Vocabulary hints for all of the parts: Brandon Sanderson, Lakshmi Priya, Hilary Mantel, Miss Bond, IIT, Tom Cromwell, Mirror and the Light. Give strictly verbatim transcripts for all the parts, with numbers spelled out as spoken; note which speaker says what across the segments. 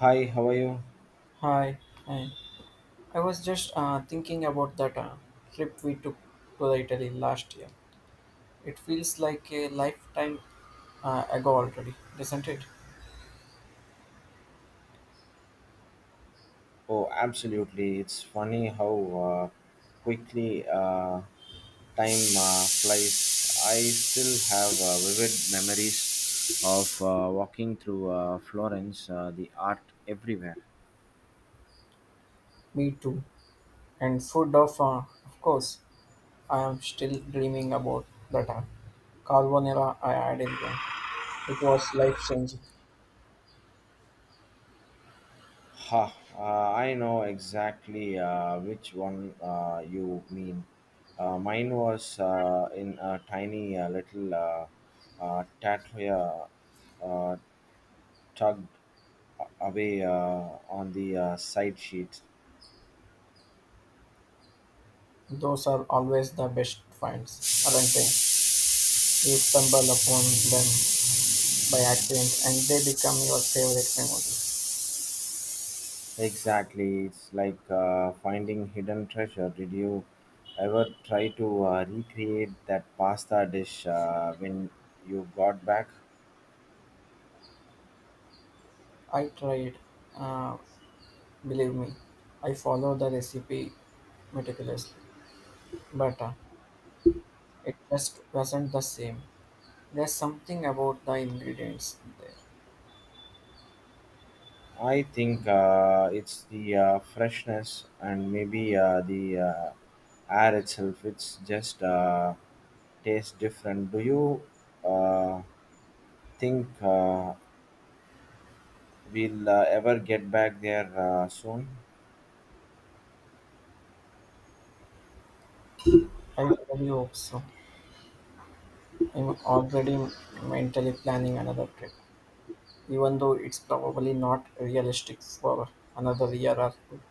Speaker 1: Hi, how are you?
Speaker 2: Hi, hi. I was just uh, thinking about that uh, trip we took to the Italy last year. It feels like a lifetime uh, ago already, doesn't it?
Speaker 1: Oh, absolutely. It's funny how uh, quickly uh, time uh, flies. I still have uh, vivid memories of uh, walking through uh, Florence, uh, the art everywhere.
Speaker 2: Me too. And food of, uh, of course, I am still dreaming about that uh, carbonara I had in Rome. It was life changing.
Speaker 1: Ha, uh, I know exactly uh, which one uh, you mean. Uh, mine was uh, in a tiny uh, little uh, uh, tattoo uh, uh, tug away uh, on the uh, side sheet.
Speaker 2: Those are always the best finds, aren't they? You stumble upon them by accident, and they become your favorite memory.
Speaker 1: Exactly, it's like uh, finding hidden treasure. Did you ever try to uh, recreate that pasta dish uh, when you got back?
Speaker 2: I tried. Uh, Believe me, I follow the recipe meticulously, but uh, it just wasn't the same. There's something about the ingredients there.
Speaker 1: I think uh, it's the uh, freshness and maybe uh, the uh, air itself. It's just uh, tastes different. Do you uh, think uh, we'll uh, ever get back there uh, soon?
Speaker 2: I really hope so. I'm already mentally planning another trip, even though it's probably not realistic for another year or two.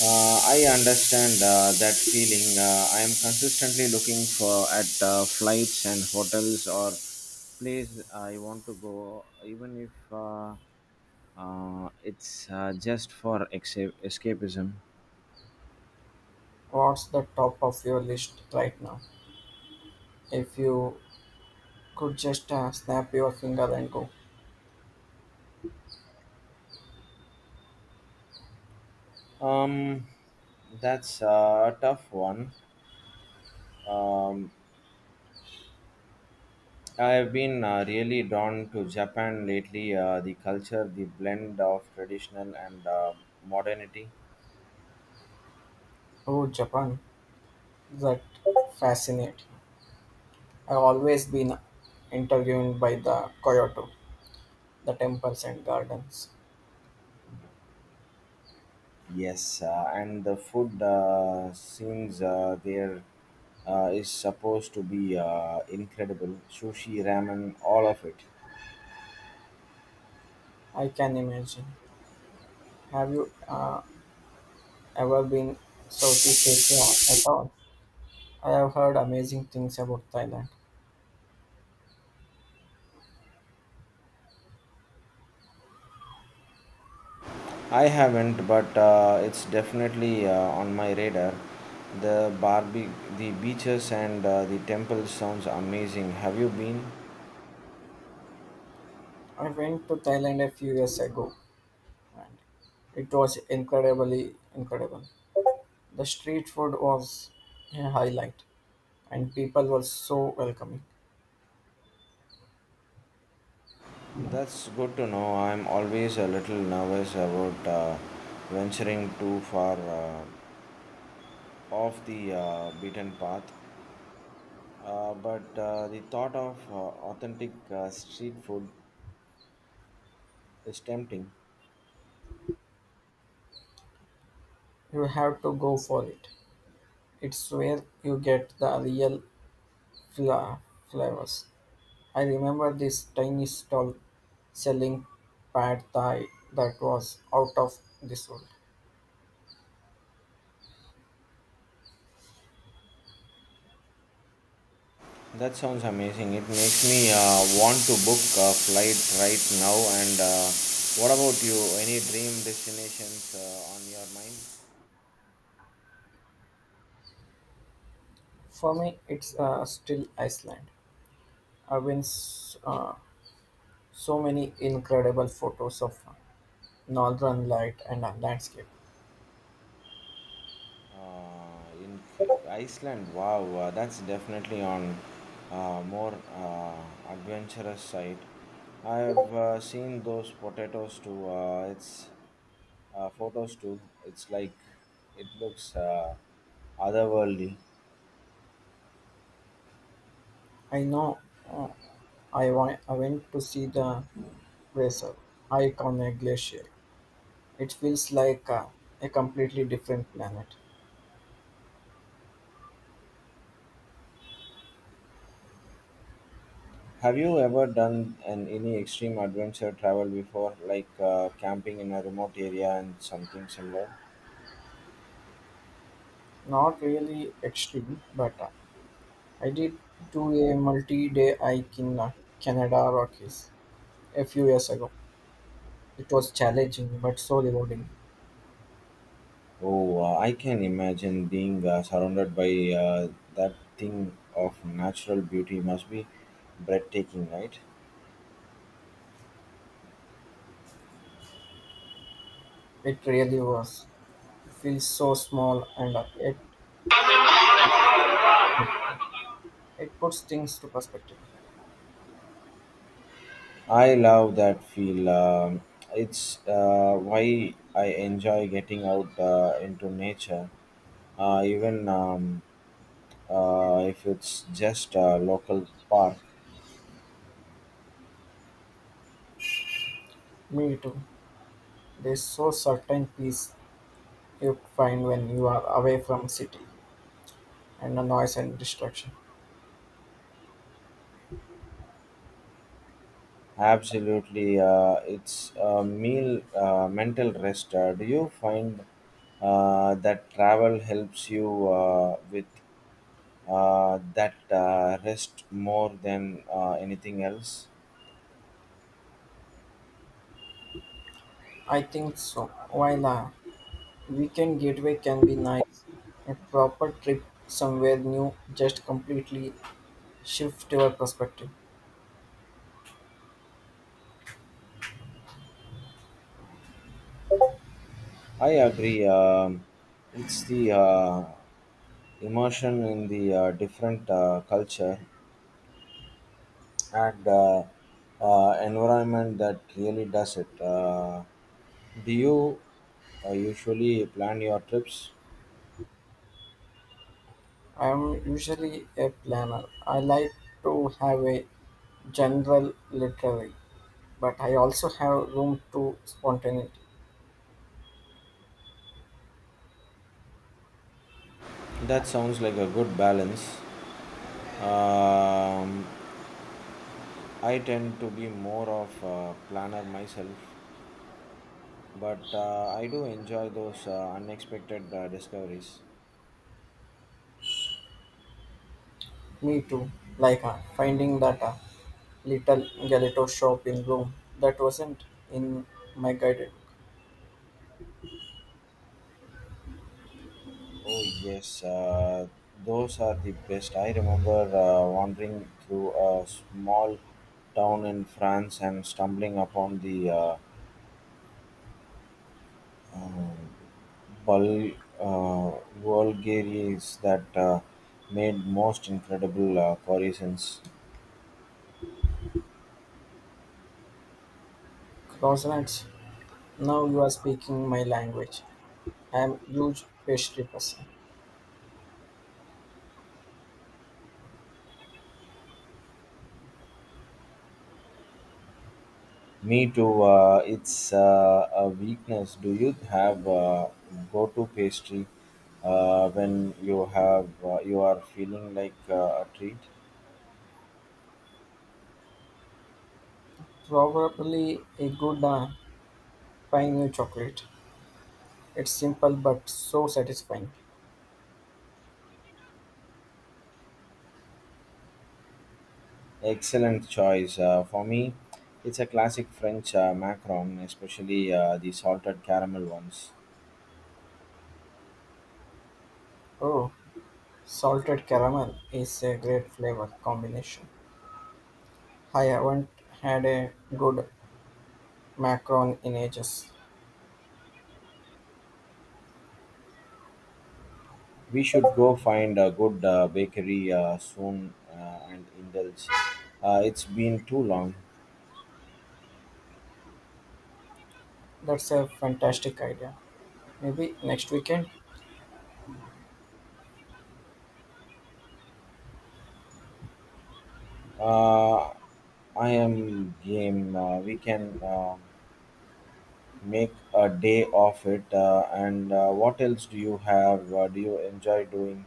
Speaker 1: Uh, I understand uh, that feeling. Uh, I am consistently looking for at uh, flights and hotels or place I want to go, even if uh, uh, it's uh, just for esca- escapism.
Speaker 2: What's the top of your list right now? If you could just uh, snap your finger and go,
Speaker 1: Um, that's a tough one. Um, I have been uh, really drawn to Japan lately. Uh, the culture, the blend of traditional and uh, modernity.
Speaker 2: oh, Japan, that fascinating. I've always been interviewed by the Kyoto, the temples and gardens.
Speaker 1: Yes, uh, and the food uh, scenes uh, there uh, is supposed to be uh, incredible. Sushi, ramen, all of it.
Speaker 2: I can imagine. Have you uh, ever been Southeast Asia at all? I have heard amazing things about Thailand.
Speaker 1: I haven't, but uh, it's definitely uh, on my radar. The Barbie, the beaches, and uh, the temple sounds amazing. Have you been?
Speaker 2: I went to Thailand a few years ago and it was incredibly incredible. The street food was a highlight and people were so welcoming.
Speaker 1: That's good to know. I'm always a little nervous about uh, venturing too far uh, off the uh, beaten path. Uh, but uh, the thought of uh, authentic uh, street food is tempting.
Speaker 2: You have to go for it. It's where you get the real fla- flavors. I remember this tiny stall selling pad thai that was out of this world.
Speaker 1: That sounds amazing. It makes me uh, want to book a flight right now. And uh, what about you? Any dream destinations uh, on your mind?
Speaker 2: For me, it's uh, still Iceland. I've been s- uh, so many incredible photos of northern light and uh, landscape.
Speaker 1: Uh, in K- Iceland, wow, uh, that's definitely on uh, more uh, adventurous side. I've uh, seen those potatoes too. Uh, it's uh, photos too. It's like it looks uh, otherworldly.
Speaker 2: I know uh, I, wa- I went to see the Weser iconic glacier. It feels like uh, a completely different planet.
Speaker 1: Have you ever done an any extreme adventure travel before, like uh, camping in a remote area and something similar?
Speaker 2: Not really extreme, but uh, I did do a multi-day hike in uh, Canada Rockies a few years ago. It was challenging but so rewarding.
Speaker 1: Oh, uh, I can imagine being uh, surrounded by uh, that thing of natural beauty must be breathtaking, right?
Speaker 2: It really was. It feels so small and uh, it it puts things to perspective.
Speaker 1: I love that feel. Um it's uh, why I enjoy getting out uh, into nature, uh, even um, uh, if it's just a local park.
Speaker 2: Me too. There's so certain peace you find when you are away from city and the noise and distraction.
Speaker 1: Absolutely, uh, it's a meal, uh, mental rest. Uh, do you find uh, that travel helps you uh, with uh, that uh, rest more than uh, anything else.
Speaker 2: I think so. While a weekend getaway can be nice, a proper trip somewhere new just completely shift your perspective.
Speaker 1: I agree. Um, it's the uh, immersion in the uh, different uh, culture and uh, uh, environment that really does it. Uh, do you uh, usually plan your trips?
Speaker 2: I'm usually a planner. I like to have a general literary, but I also have room to spontaneity.
Speaker 1: That sounds like a good balance. Um, I tend to be more of a planner myself, but uh, I do enjoy those uh, unexpected uh, discoveries.
Speaker 2: Me too, like uh, finding that uh, little gelato shopping room that wasn't in my guided
Speaker 1: Oh yes, uh, those are the best. I remember uh, wandering through a small town in France and stumbling upon the uh, um, Bul- uh, Bulgarians that uh, made most incredible uh, croissants.
Speaker 2: closets. Now you are speaking my language. I am huge pastry person.
Speaker 1: Me too. Uh, it's uh, a weakness. Do you have uh, go-to pastry uh, when you have uh, you are feeling like uh, a treat?
Speaker 2: Probably a good uh, pine chocolate. It's simple but so satisfying.
Speaker 1: Excellent choice. Uh, for me, it's a classic French uh, macaron, especially uh, the salted caramel ones.
Speaker 2: Oh, salted caramel is a great flavor combination. I haven't had a good macaron in ages.
Speaker 1: We should go find a good uh, bakery uh, soon uh, and indulge. Uh, it's been too long.
Speaker 2: That's a fantastic idea. Maybe next weekend.
Speaker 1: Uh, I am game. Uh, we can. Uh, Make a day of it. Uh, and uh, what else do you have? Uh, do you enjoy doing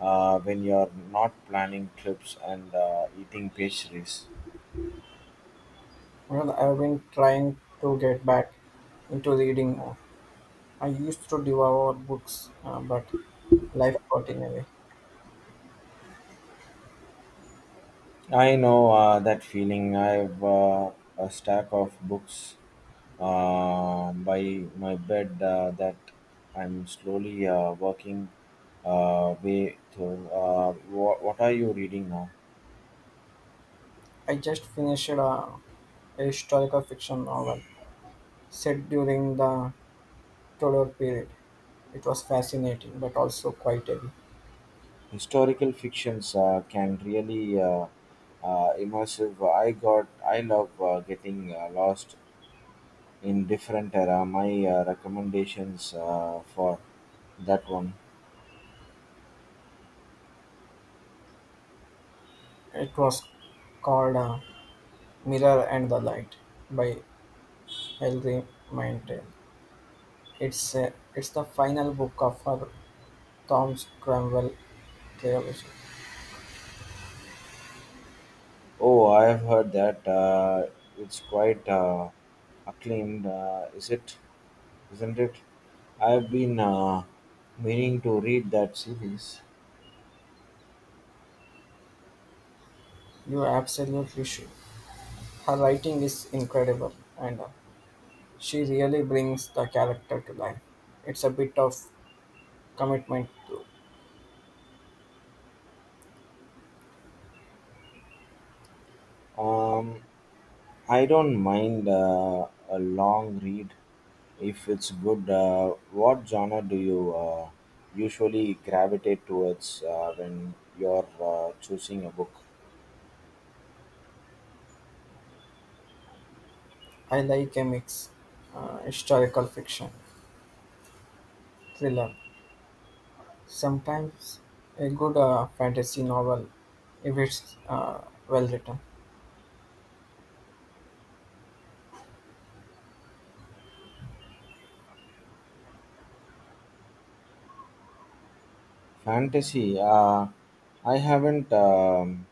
Speaker 1: uh, when you're not planning trips and uh, eating pastries?
Speaker 2: Well, I've been trying to get back into reading more. I used to devour books, uh, but life got in the way.
Speaker 1: I know uh, that feeling. I have uh, a stack of books uh, by my bed uh, that I'm slowly uh, working uh, way through. Uh, wha what are you reading now?
Speaker 2: I just finished a, a historical fiction novel set during the Tudor period. It was fascinating, but also quite heavy.
Speaker 1: Historical fictions uh, can really uh, uh, immersive. I got I love uh, getting uh, lost in different era. My uh, recommendations uh, for that one.
Speaker 2: It was called uh, Mirror and the Light by Hilary Mantel. It's, a, it's the final book of her Tom Cromwell trilogy.
Speaker 1: Oh, I have heard that uh, it's quite uh, acclaimed. Uh, is it? Isn't it? I've been uh, meaning to read that series.
Speaker 2: You absolutely should. Her writing is incredible and uh, she really brings the character to life. It's a bit of commitment too.
Speaker 1: Um, I don't mind uh, a long read. If it's good, uh, what genre do you uh, usually gravitate towards uh, when you're uh, choosing a book?
Speaker 2: I like a mix uh, historical fiction, thriller, sometimes a good uh, fantasy novel if it's uh, well written.
Speaker 1: Fantasy. Uh, I haven't um,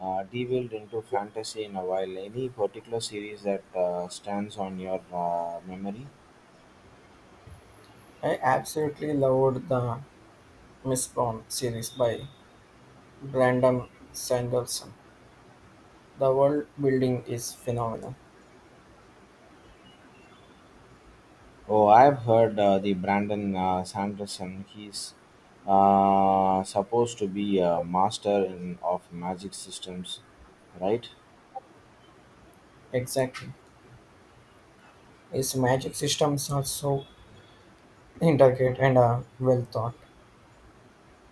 Speaker 1: uh, delved into fantasy in a while. Any particular series that uh, stands on your uh, memory?
Speaker 2: I absolutely loved the Miss Bond series by Brandon Sanderson. The world building is phenomenal.
Speaker 1: Oh, I've heard uh, the Brandon uh, Sanderson. He's uh, supposed to be a master in, of magic systems, right?
Speaker 2: Exactly. His magic systems are so intricate and uh, well thought.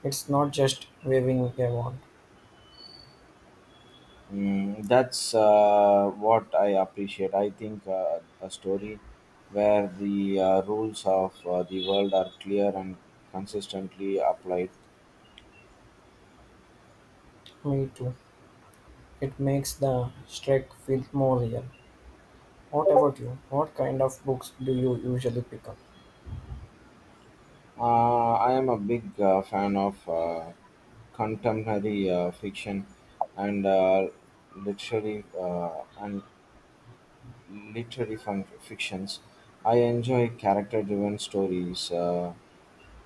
Speaker 2: It's not just waving a wand.
Speaker 1: Mm, that's uh, what I appreciate. I think uh, a story where the uh, rules of uh, the world are clear and consistently applied.
Speaker 2: Me too. It makes the trek feel more real. What about you? What kind of books do you usually pick up?
Speaker 1: Uh, I am a big uh, fan of uh, contemporary uh, fiction and uh, literary uh, and literary fun- fictions. I enjoy character-driven stories uh,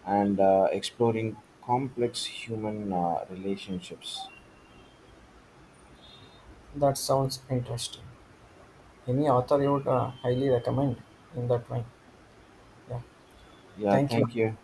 Speaker 1: and uh, exploring complex human uh, relationships.
Speaker 2: That sounds interesting. Any author you would uh, highly recommend in that line, yeah.
Speaker 1: Yeah,
Speaker 2: Thank you.
Speaker 1: thank you.